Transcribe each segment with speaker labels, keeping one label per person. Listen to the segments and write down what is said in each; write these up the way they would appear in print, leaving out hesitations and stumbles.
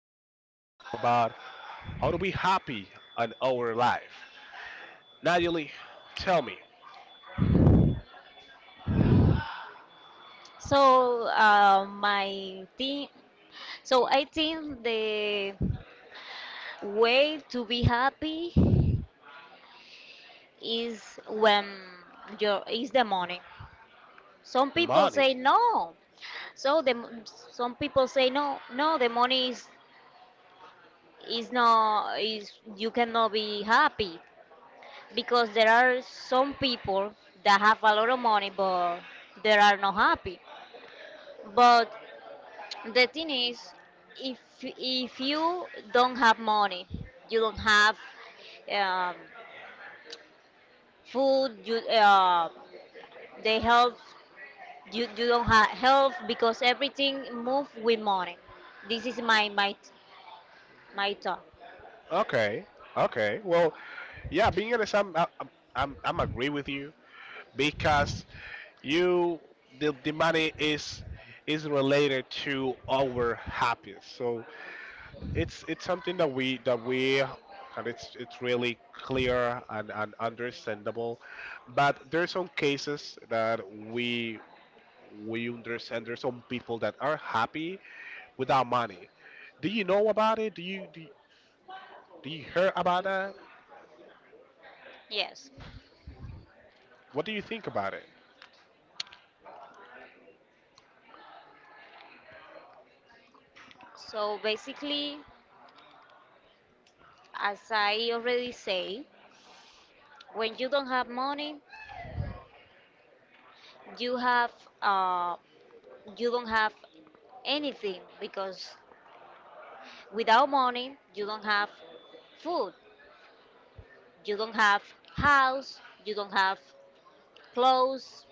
Speaker 1: gonna go ahead and talk about how to be happy in our life. Natalie, tell me,
Speaker 2: My thing, so I think the way to be happy is when your is the money. Some
Speaker 1: the
Speaker 2: people
Speaker 1: money.
Speaker 2: say no. So some people say no. The money is not is you cannot be happy because there are some people that have a lot of money but they are not happy. But the thing is, if you don't have money, you don't have um, food. You they help you. You don't have help because everything move with money. This is my thought.
Speaker 1: Okay, okay. Well, yeah, being honest, I'm agree with you because you the money is related to our happiness. So it's something that we and it's really clear and understandable, but there's some cases that we we understand there's some people that are happy without money. Do you know about it? Do you hear about that?
Speaker 2: Yes.
Speaker 1: What do you think about it?
Speaker 2: So basically, as I already say, when you don't have money, you have uh, you don't have anything because without money, you don't have food. You don't have house, you don't have clothes,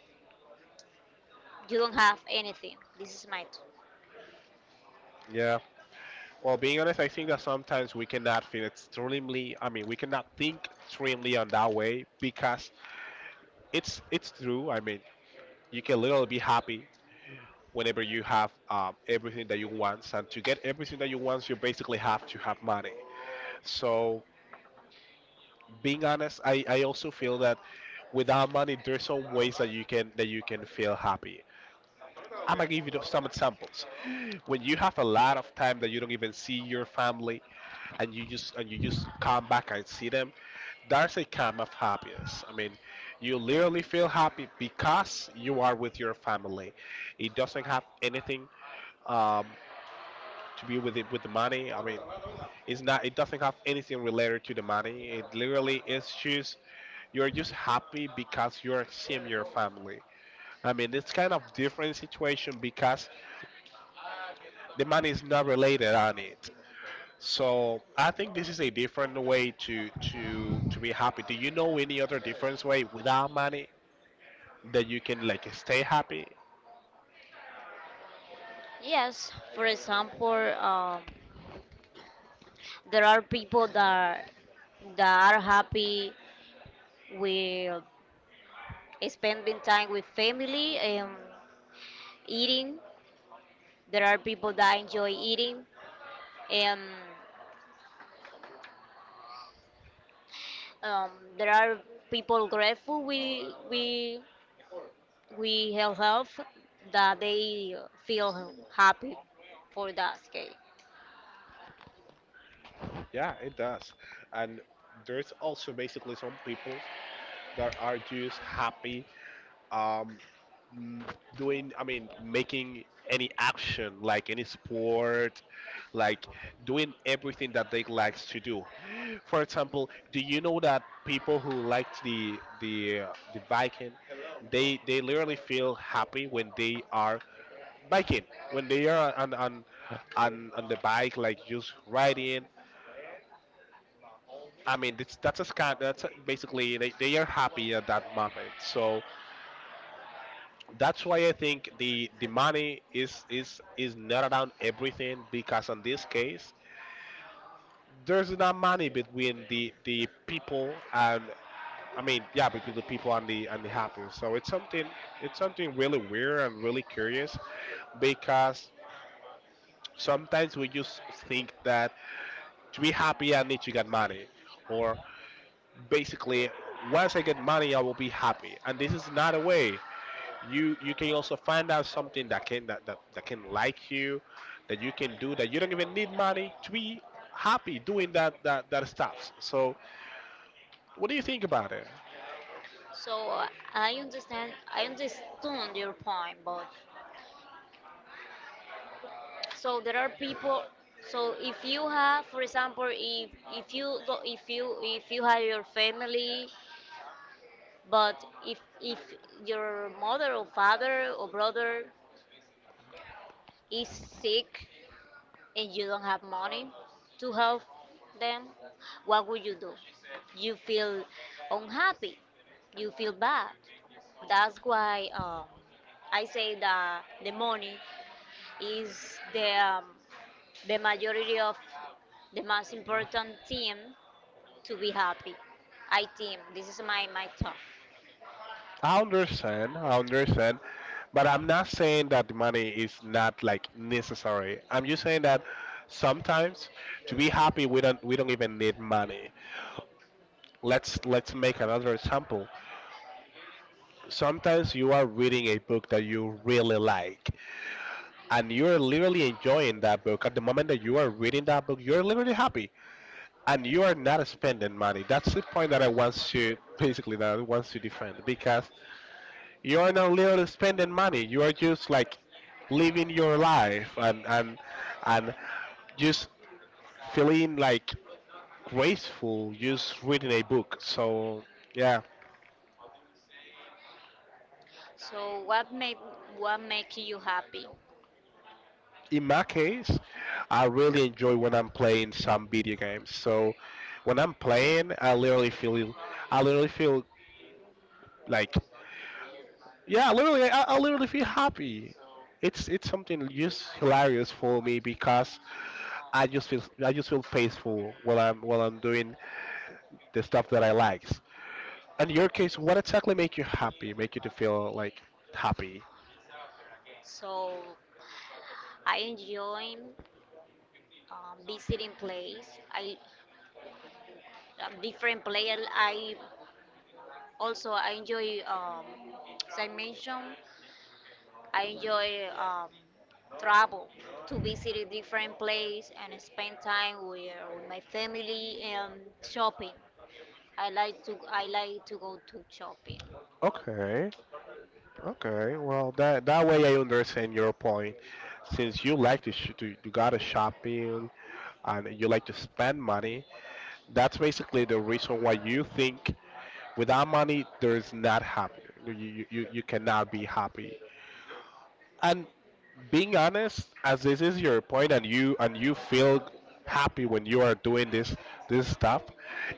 Speaker 2: you don't have anything. This is my
Speaker 1: Yeah, well, being honest, I think that sometimes we cannot feel extremely, I mean, we cannot think extremely on that way because it's true. I mean, you can literally be happy whenever you have everything that you want. And to get everything that you want, you basically have to have money. So being honest, I also feel that without money, there's some ways that you can feel happy. I'm gonna give you some examples. When you have a lot of time that you don't even see your family, and you just come back and see them, that's a kind of happiness. I mean, you literally feel happy because you are with your family. It doesn't have anything, um, to be with it, with the money. I mean, it's not. It doesn't have anything related to the money. It literally is just you're just happy because you're seeing your family. I mean, it's kind of different situation because the money is not related on it. So I think this is a different way to be happy. Do you know any other different way without money that you can like stay happy?
Speaker 2: yes. For example, um, there are people that are happy with spending time with family and eating. There are people that enjoy eating, and um, there are people grateful we have health that they feel happy for that case.
Speaker 1: Yeah, it does. And there's also basically some people that are just happy, um, m- doing, I mean, making any action, like any sport, like doing everything that they likes to do. For example, do you know that people who liked the the biking? They literally feel happy when they are biking, when they are on the bike, like just riding. I mean, it's, that's a scan. That's a, basically they are happy at that moment. So that's why I think the money is not around everything because in this case there's not money between the people and, I mean, yeah, between the people and the happiness. So it's something, it's something really weird and really curious because sometimes we just think that to be happy I need to get money, or basically once I get money I will be happy, and this is not a way. You can also find out something that that can like you, that you can do, that you don't even need money to be happy doing that stuff. So what do you think about it?
Speaker 2: So I understand. I understand your point, but so there are people. So if you have, for example, if you go, if you have your family, but if your mother or father or brother is sick and you don't have money to help them, what would you do? You feel unhappy. You feel bad. That's why I say that the money is the majority of the most important team to be happy. I team. This is my thought.
Speaker 1: I understand, I understand, but I'm not saying that the money is not like necessary. I'm just saying that sometimes to be happy we don't even need money. Let's make another example. Sometimes you are reading a book that you really like, and you're literally enjoying that book. At the moment that you are reading that book you're literally happy, and you are not spending money. That's the point that I want to basically, that I want to defend, because you are not literally spending money. You are just like living your life, and just feeling like graceful, just reading a book. So yeah.
Speaker 2: So what make you happy?
Speaker 1: In my case, I really enjoy when I'm playing some video games. So when I'm playing, I literally feel like, yeah, literally, I literally feel happy. It's something just hilarious for me because I just feel peaceful while I'm doing the stuff that I likes. In your case, what exactly make you happy? Make you to feel like happy?
Speaker 2: So I enjoy visiting place. I different player. I also I enjoy as I mentioned I enjoy travel to visit a different place and spend time with my family and shopping. I like to go to shopping.
Speaker 1: Okay. Okay, well, that way I understand your point. Since you like to you gotta shopping, and you like to spend money, that's basically the reason why you think without money there's not happy. You cannot be happy. And being honest, as this is your point, and you feel happy when you are doing this stuff,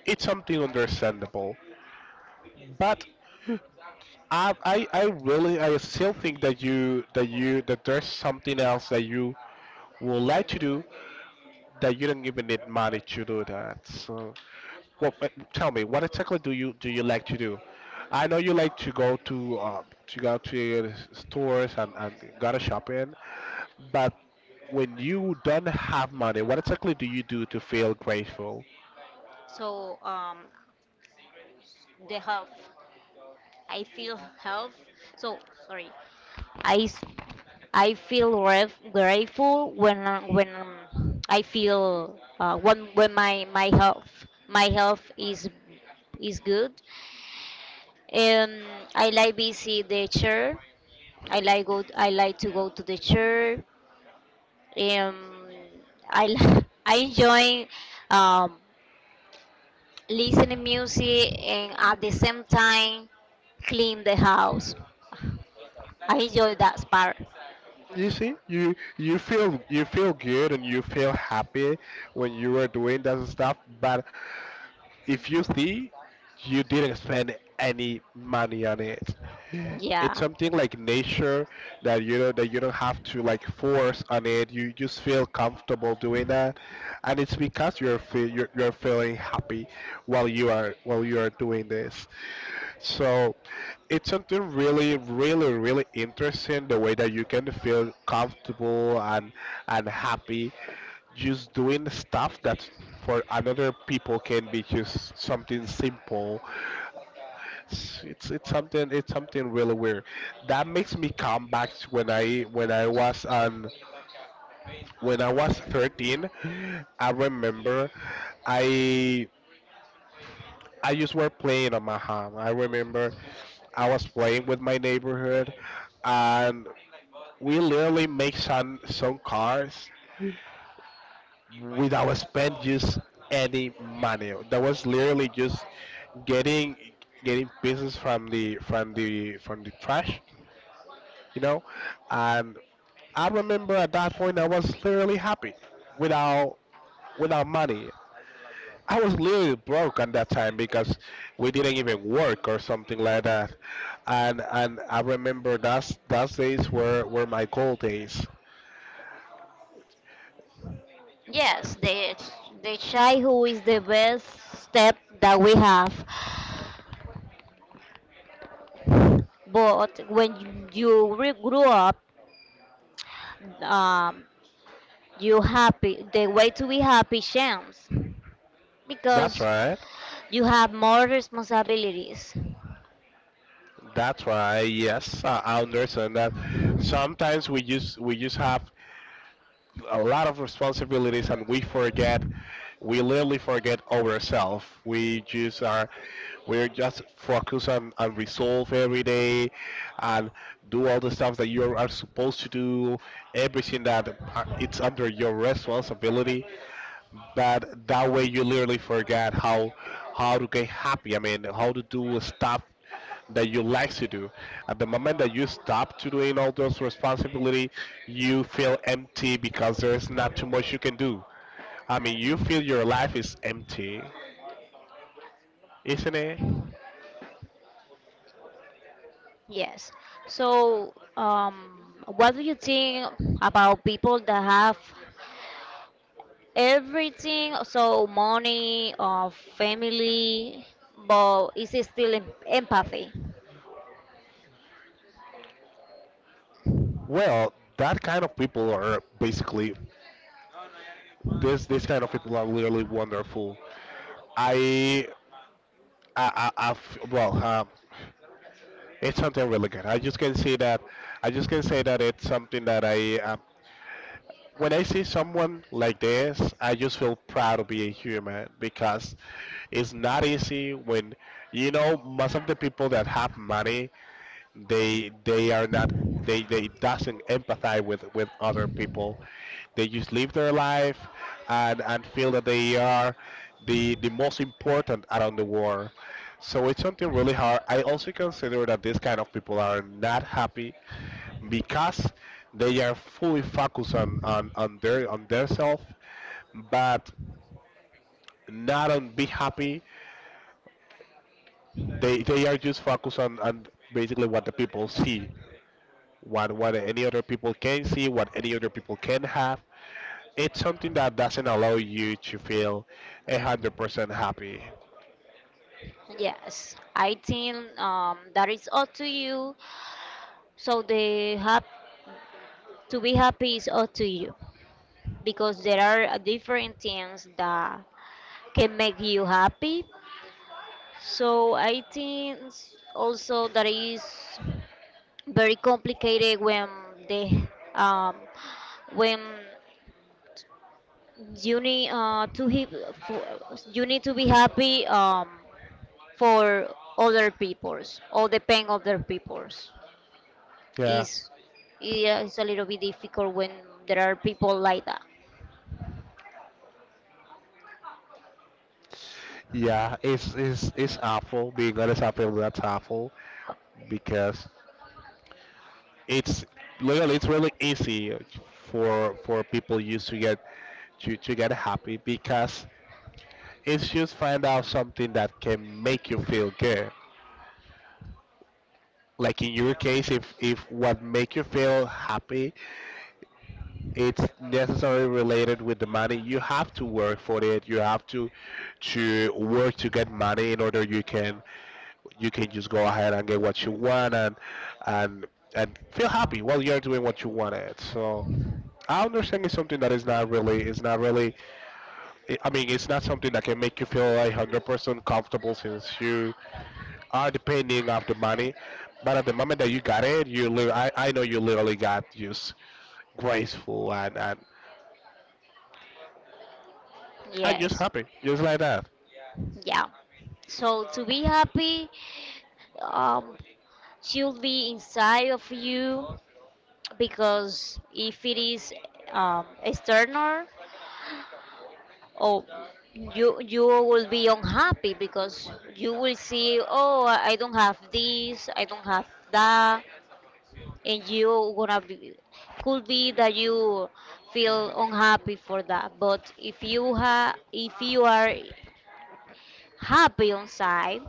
Speaker 1: it's something understandable. But I really, I still think that you that you that there's something else that you would like to do that you don't even need money to do that. So, well, tell me, what exactly do you like to do? I know you like to go to, to go to stores and go to shopping, but when you don't have money, what exactly do you do to feel grateful?
Speaker 2: So the health, I feel health. So sorry, I s- I feel grateful when when I feel when when my health is good. Um, I like visit the church. I like to go to the church. Um, I enjoy um, listening music and at the same time clean the house. I enjoy that part.
Speaker 1: You see, you feel, you feel good and you feel happy when you are doing that stuff. But if you see, you didn't spend any money on it. It's
Speaker 2: Yeah.
Speaker 1: something like nature that, you know, that you don't have to like force on it. You just feel comfortable doing that, and it's because you're feeling happy while you are doing this. So it's something really really really interesting, the way that you can feel comfortable and happy just doing stuff that for another people can be just something simple. It's something really weird, that makes me come back to when I was on, when I was 13. I remember, i I just were playing on my home. I remember I was playing with my neighborhood, and we literally make some cars without spend just any money. That was literally just getting, getting pieces from the trash, you know. And I remember at that point I was literally happy without, without money. I was literally broke at that time because we didn't even work or something like that. And I remember that's those days were my gold days.
Speaker 2: Yes, the childhood is the best step that we have. But when you grow up, um, you happy the way to be happy changes
Speaker 1: That's
Speaker 2: because
Speaker 1: right.
Speaker 2: you have more responsibilities.
Speaker 1: That's right. Yes, I understand that. Sometimes we just, we just have a lot of responsibilities and we forget, we literally forget ourselves. We're just focused on resolve every day, and do all the stuff that you are supposed to do, everything that are, it's under your responsibility. That that way you literally forget how to get happy. I mean, how to do stuff that you like to do. At the moment that you stop to doing all those responsibility, you feel empty because there's not too much you can do. I mean, you feel your life is empty, isn't it?
Speaker 2: Yes. So what do you think about people that have everything, so money or family, but is it still empathy?
Speaker 1: Well, that kind of people are basically this. This kind of people are literally wonderful. I, I've, well, it's something really good. I just can see that. I just can say that it's something that I. When I see someone like this, I just feel proud to be a human because it's not easy when, you know, most of the people that have money, they are not, they doesn't empathize with other people. They just live their life and feel that they are the most important around the world. So it's something really hard. I also consider that these kind of people are not happy because they are fully focused on their on their self, but not on be happy. They are just focused on basically what the people see. What any other people can see, what any other people can have. It's something that doesn't allow you to feel 100% happy.
Speaker 2: Yes, I think that is up to you. So the to be happy is up to you because there are different things that can make you happy. So I think also that is very complicated when they um, when you need to for, you need to be happy for other people's or the pain of other people's
Speaker 1: Yeah,
Speaker 2: is yeah, it's a little bit difficult when there are people like that.
Speaker 1: yeah, it's awful. Being honest, I feel that's awful because it's literally, it's really easy for people used to get, to get happy because it's just find out something that can make you feel good. Like in your case, if what make you feel happy, it's necessarily related with the money. You have to work for it. You have to work to get money in order you can, you can just go ahead and get what you want, and and feel happy while you're doing what you wanted. So I understand, it's something that is not really, it's not really, I mean, it's not something that can make you feel like 100% comfortable, since you are depending of the money. But at the moment that you got it, you li- I know you literally got just graceful, and just
Speaker 2: Yes,
Speaker 1: happy, just like that.
Speaker 2: yeah. So to be happy, um, should be inside of you because if it is external, oh, you will be unhappy because you will see, oh, I don't have this, I don't have that, and you gonna be, could be that you feel unhappy for that. But if you are happy on side,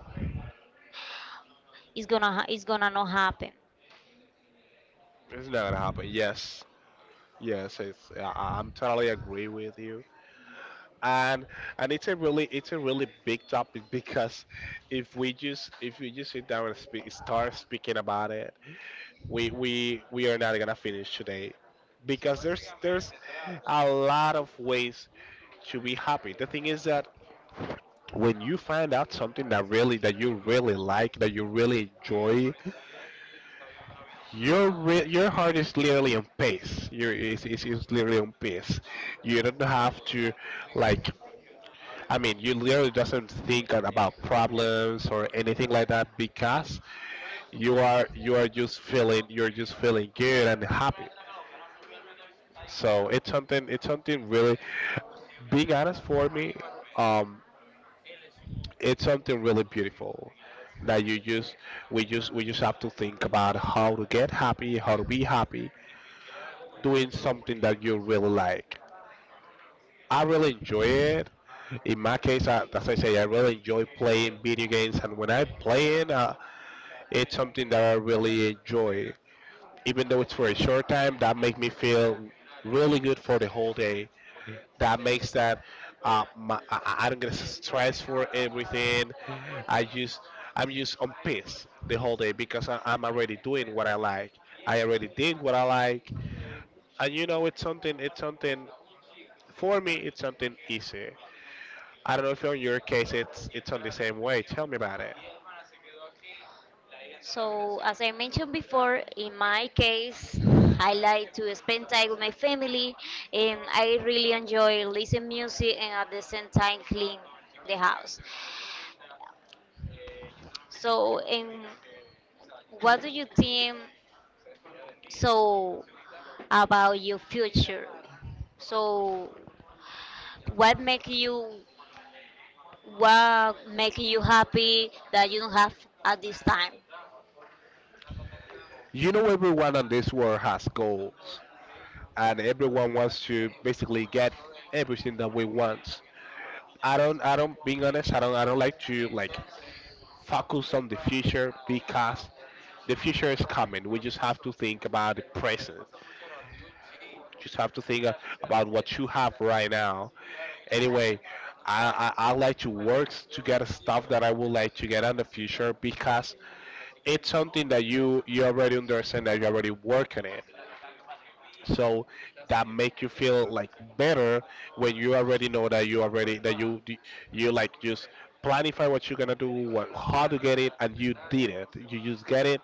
Speaker 2: it's gonna not happen.
Speaker 1: It's not gonna happen. Yes, yes, it's. I'm totally agree with you, and it's a really big topic because if we just sit down and speak, start speaking about it, we are not gonna finish today because there's a lot of ways to be happy. The thing is that when you find out something that you really like, that you really enjoy, your heart is literally on pace. Your is literally on pace. You don't have to like. You literally doesn't think about problems or anything like that because you are just feeling, you're just feeling good and happy. So it's something, really. Being honest, for me, um, it's something really beautiful that you just we just have to think about how to get happy, how to be happy, doing something that you really like. I really enjoy it. In my case, I, as I say, I really enjoy playing video games, and when I play it, it's something that I really enjoy. Even though it's for a short time, that makes me feel really good for the whole day. That makes that I don't get stressed for everything. I just I'm just on peace the whole day because I'm already doing what I like. I already did what I like, and you know, it's something, for me, it's something easy. I don't know if in your case it's on the same way. Tell me about it.
Speaker 2: So, as I mentioned before, in my case, I like to spend time with my family, and I really enjoy listening music and at the same time clean the house. So, and what do you think, so, about your future? So, what make you what make you happy that you don't have at this time?
Speaker 1: You know, everyone on this world has goals, and everyone wants to basically get everything that we want. I don't, being honest, I don't like to focus on the future because the future is coming. We just have to think about the present. Just have to think about what you have right now. Anyway, I like to work to get stuff that I would like to get in the future because it's something that you already understand, that you already work on it. So that make you feel like better when you already know that you already that you like, just planify what you're gonna do, what how to get it, and you did it. You just get it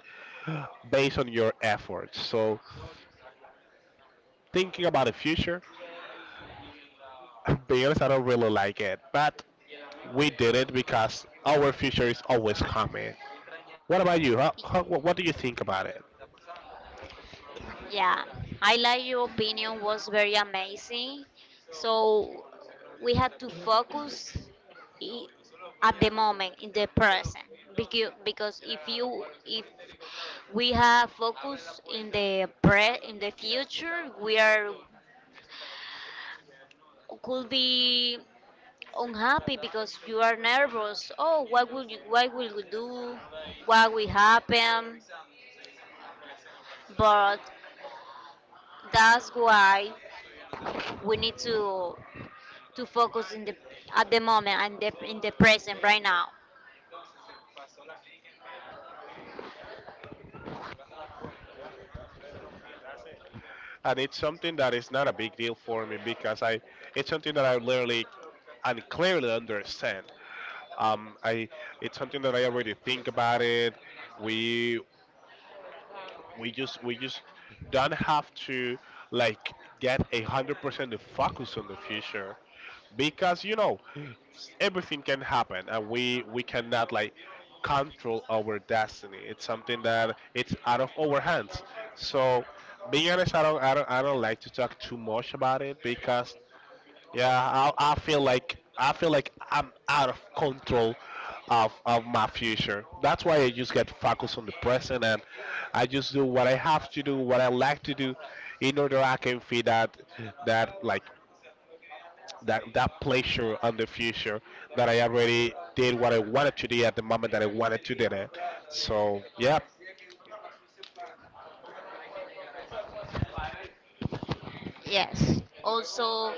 Speaker 1: based on your efforts. So thinking about the future, being honest, I don't really like it, but we did it because our future is always coming. What about you? What do you think about it?
Speaker 2: Yeah, I like your opinion was very amazing. So we have to focus i- at the moment in the present because if you if we have focus in the pre in the future we are, could be unhappy because you are nervous. Oh, what will you? What will you do? What will happen? But that's why we need to focus in the at the moment and in the present right now.
Speaker 1: And it's something that is not a big deal for me because I it's something that I literally and clearly understand. I it's something that I already think about it. We we just don't have to like get 100% the focus on the future because you know everything can happen, and we cannot like control our destiny. It's something that it's out of our hands. So being honest, I don't like to talk too much about it because yeah, I feel like, I'm out of control of my future. That's why I just get focused on the present, and I just do what I have to do, what I like to do, in order I can feel that, like, that pleasure on the future, that I already did what I wanted to do at the moment that I wanted to do it. So yeah.
Speaker 2: Yes, also,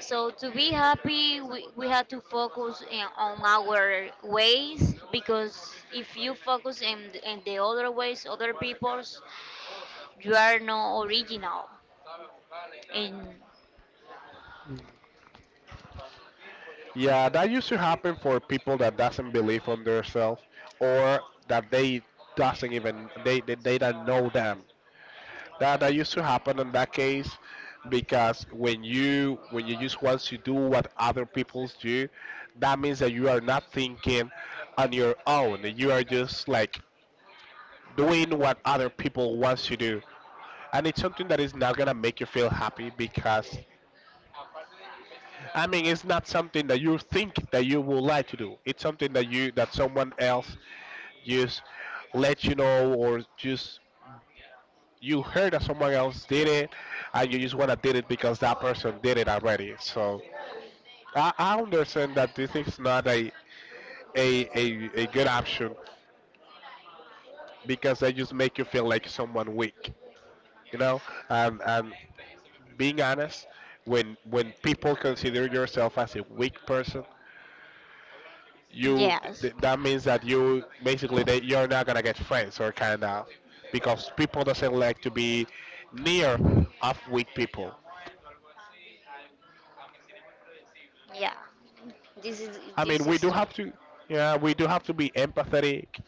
Speaker 2: so to be happy we have to focus in, on our ways because if you focus in the other ways other people's, you are not original. And
Speaker 1: Yeah, that used to happen for people that doesn't believe on themselves, or that they doesn't even they don't know them. That used to happen in that case because when you just want to do what other people do, that means that you are not thinking on your own. You are just like doing what other people wants to do, and it's something that is not gonna make you feel happy because I mean, it's not something that you think that you would like to do. It's something that someone else just let you know, or just you heard that someone else did it, and you just want to did it because that person did it already. So I understand that this is not a good option because they just make you feel like someone weak, you know. And being honest, when people consider yourself as a weak person,
Speaker 2: yes,
Speaker 1: that means that you basically that you're not gonna get friends or kind of, because people doesn't like to be near of weak people.
Speaker 2: yeah, this is
Speaker 1: I mean,
Speaker 2: this
Speaker 1: we
Speaker 2: is
Speaker 1: do
Speaker 2: true.
Speaker 1: have to, yeah, we do have to be empathetic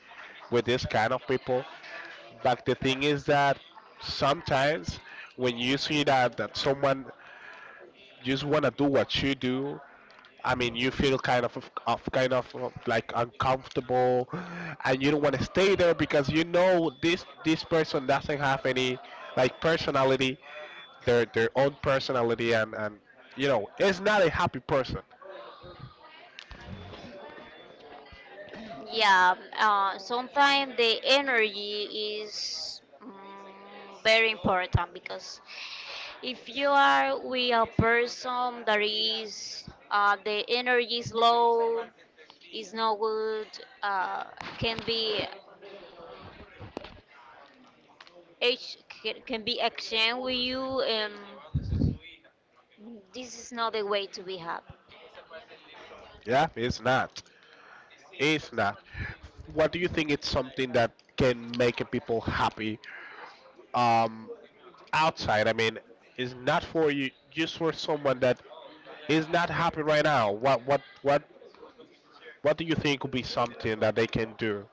Speaker 1: with this kind of people. But the thing is that sometimes when you see that someone just wanna do what you do, I mean, you feel of kind of like uncomfortable, and you don't want to stay there because you know this person doesn't have any like personality, their own personality, and you know, it's not a happy person.
Speaker 2: Yeah, sometimes the energy is very important because if you are with a person that is the energy is low, is not good, uh, can be ex- can be exchanged with you, and this is not the way to be happy.
Speaker 1: Yeah, it's not. It's not. What do you think it's something that can make a people happy, um, outside? I mean, is not for you, just for someone that is not happy right now. What do you think would be something that they can do?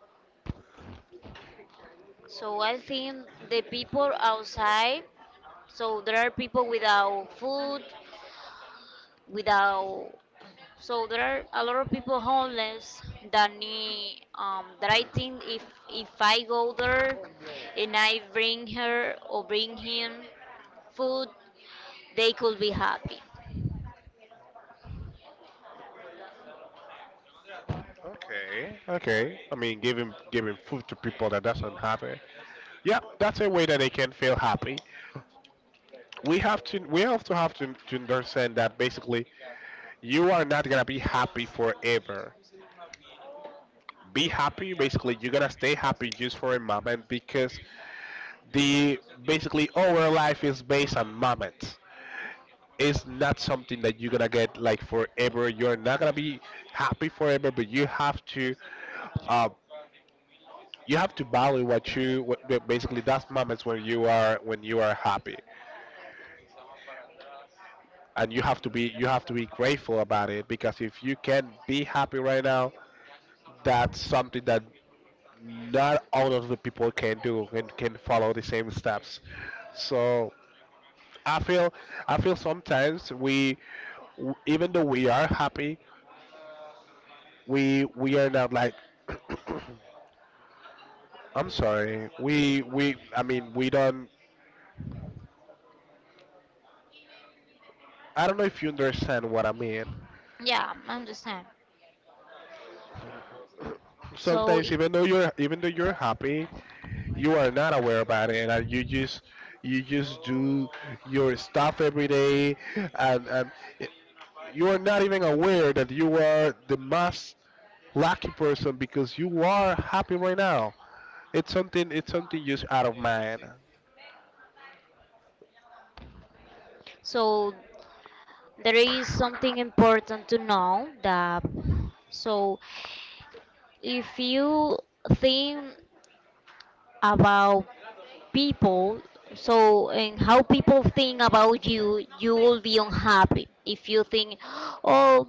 Speaker 2: So I think the people outside, so there are people without food, without, so there are a lot of people homeless that need, that I think if if I go there and I bring her or bring him food, they could be happy.
Speaker 1: Okay, okay. I mean, giving food to people that doesn't have it, yeah, that's a way that they can feel happy. We also have to understand that basically you are not gonna be happy forever. Be happy basically, you're gonna stay happy just for a moment because the basically our life is based on moments. It's not something that you're gonna get like forever. You're not gonna be happy forever, but uh, you have to value what you what, the- basically that's moments when you are, when you are happy, and you have to be, you have to be grateful about it, because if you can be happy right now, that's something that not all of the people can do and can follow the same steps. So I feel, sometimes we even though we are happy, we are not like I'm sorry. We I mean, we don't, I don't know if you understand what I mean.
Speaker 2: Yeah, I understand. So
Speaker 1: Sometimes even though you're happy, you are not aware about it, and you just, you just do your stuff every day, and you are not even aware that you are the most lucky person because you are happy right now. It's something. It's something just out of mind.
Speaker 2: so there is something important to know that, so if you think about people, so and how people think about you, you will be unhappy if you think, oh,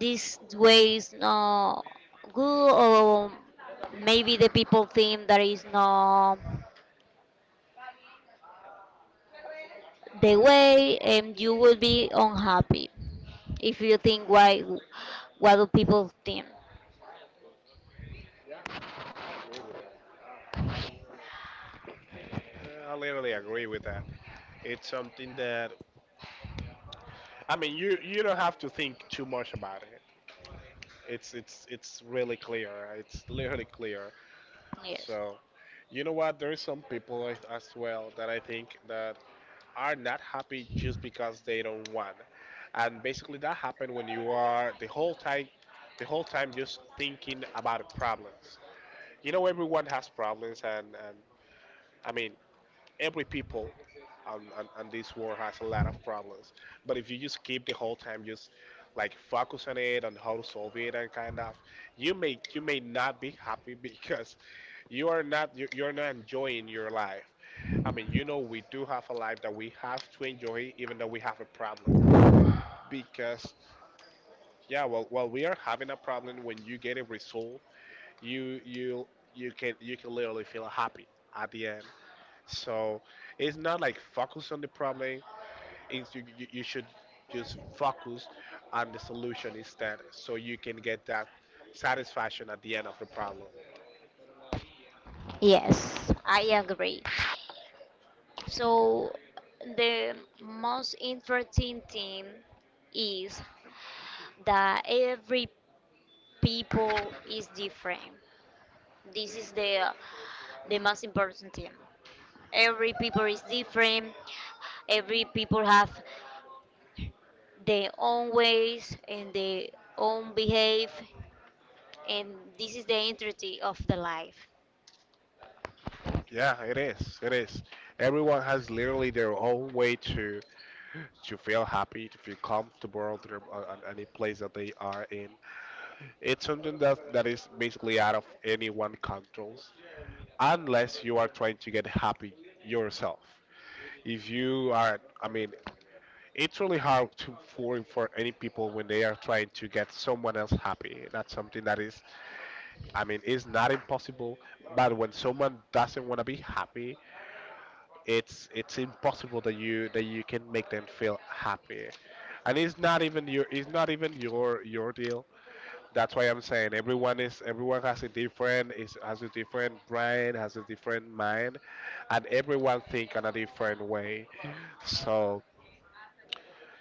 Speaker 2: this way is not good, or maybe the people think that is not the way, and you will be unhappy if you think why, what do people think.
Speaker 1: I literally agree with that. It's something that, I mean, you don't have to think too much about it. It's really clear. It's literally clear.
Speaker 2: Yes.
Speaker 1: So you know what? There's some people as well that I think that are not happy just because they don't want, and basically that happened when you are the whole time, just thinking about the problems. You know, everyone has problems, and I mean, every people on this world has a lot of problems. But if you just keep the whole time just like focus on it, on how to solve it and kind of, you may, you may not be happy because you're not enjoying your life. I mean, you know, we do have a life that we have to enjoy even though we have a problem, because yeah, well, while we are having a problem, when you get a result, you you you can, you can literally feel happy at the end. So it's not like focus on the problem. It's you should just focus on the solution instead, so you can get that satisfaction at the end of the problem.
Speaker 2: Yes, I agree. So the most interesting thing is that every people is different. This is the most important thing. Every people is different. Every people have their own ways and their own behave, and this is the integrity of the life.
Speaker 1: Yeah, it is. It is. Everyone has literally their own way to feel happy, to feel comfortable, to their, on any place that they are in. It's something that is basically out of anyone controls, unless you are trying to get happy yourself. If you are, I mean, it's really hard to, for any people when they are trying to get someone else happy. That's something that is, I mean, is not impossible. But when someone doesn't want to be happy, it's impossible that you can make them feel happy. And it's not even your, your deal. That's why I'm saying everyone is, everyone has a different, is has a different brain, has a different mind, and everyone think in a different way. So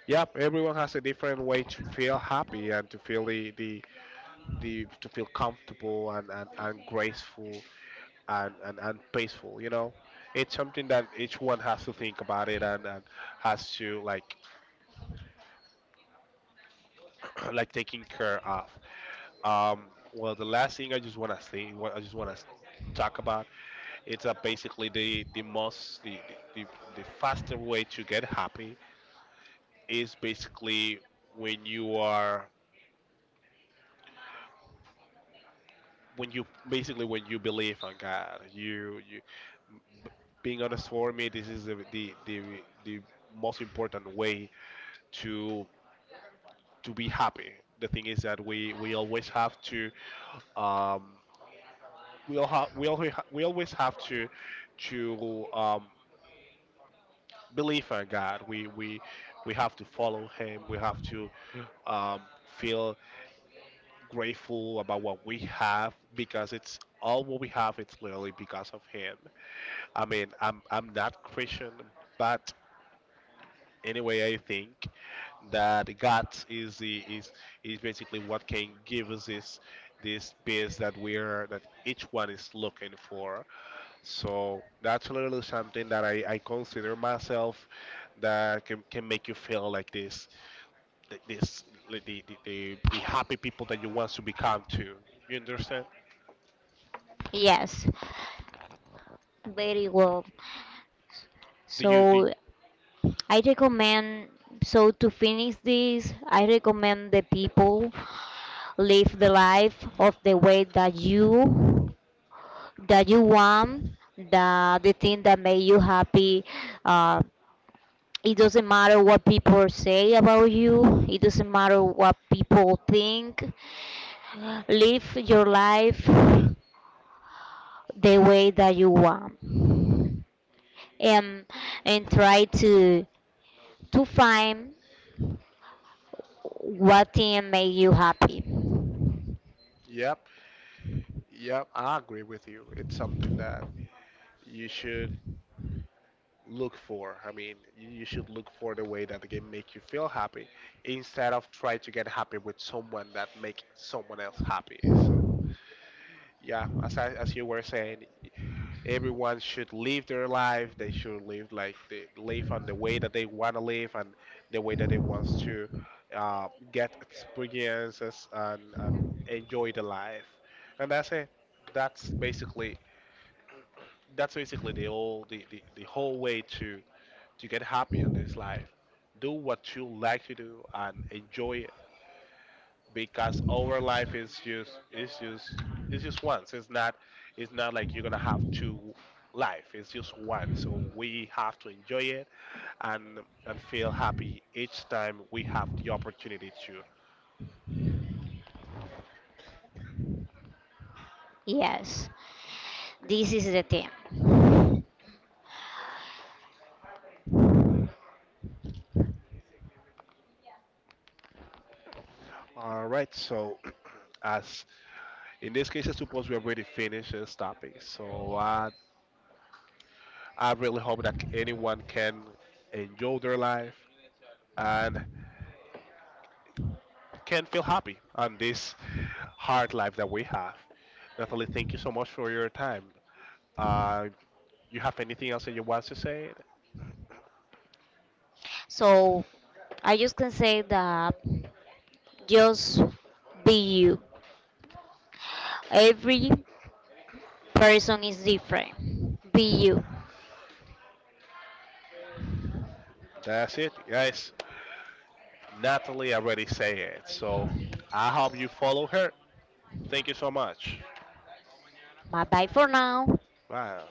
Speaker 1: yep, everyone has a different way to feel happy and to feel the, to feel comfortable, and graceful, and peaceful, you know. It's something that each one has to think about it, and has to like like taking care of. Well, the last thing I just wanna say, what I just wanna talk about, it's basically the faster way to get happy is basically when you are, when you believe on God, you b- being honest for me, this is the most important way to be happy. The thing is that we always have to um we all have we always we always have to to um believe in God. We have to follow Him. We have to feel grateful about what we have because it's all what we have. It's literally because of Him. I mean, I'm not Christian, but anyway, I think that God is basically what can give us this, this peace that we're, that each one is looking for. So that's a little something that I consider myself that can make you feel like this, like this like the happy people that you want to become to. You understand?
Speaker 2: Yes, very well.
Speaker 1: Do you do? You...
Speaker 2: So I recommend. So to finish this, I recommend the people live the life of the way that you want, that the thing that made you happy, uh, it doesn't matter what people say about you, it doesn't matter what people think. Live your life the way that you want, and try to find what thing made you happy.
Speaker 1: Yep, yep, I agree with you. It's something that you should look for. I mean, you should look for the way that the game make you feel happy instead of try to get happy with someone that make someone else happy. So yeah, as you were saying, everyone should live their life. They should live like they live on the way that they want to live, and the way that they wants to get experiences, and enjoy the life. And that's it. That's basically, the whole the whole way to get happy on this life. Do what you like to do and enjoy it, because our life is just, it's just once. It's not, it's not like you're gonna have two life. It's just one. So we have to enjoy it, and and feel happy each time we have the opportunity to.
Speaker 2: Yes, this is the thing.
Speaker 1: All right. So as in this case, I suppose we already finished this topic. So I really hope that anyone can enjoy their life and can feel happy on this hard life that we have. Natalie, thank you so much for your time. Uh, you have anything else that you want to say?
Speaker 2: So I just can say that, just be you. Every person is different. Be you.
Speaker 1: That's it, guys. Natalie already said it, so I hope you follow her. Thank you so much.
Speaker 2: Bye bye for now.
Speaker 1: Bye.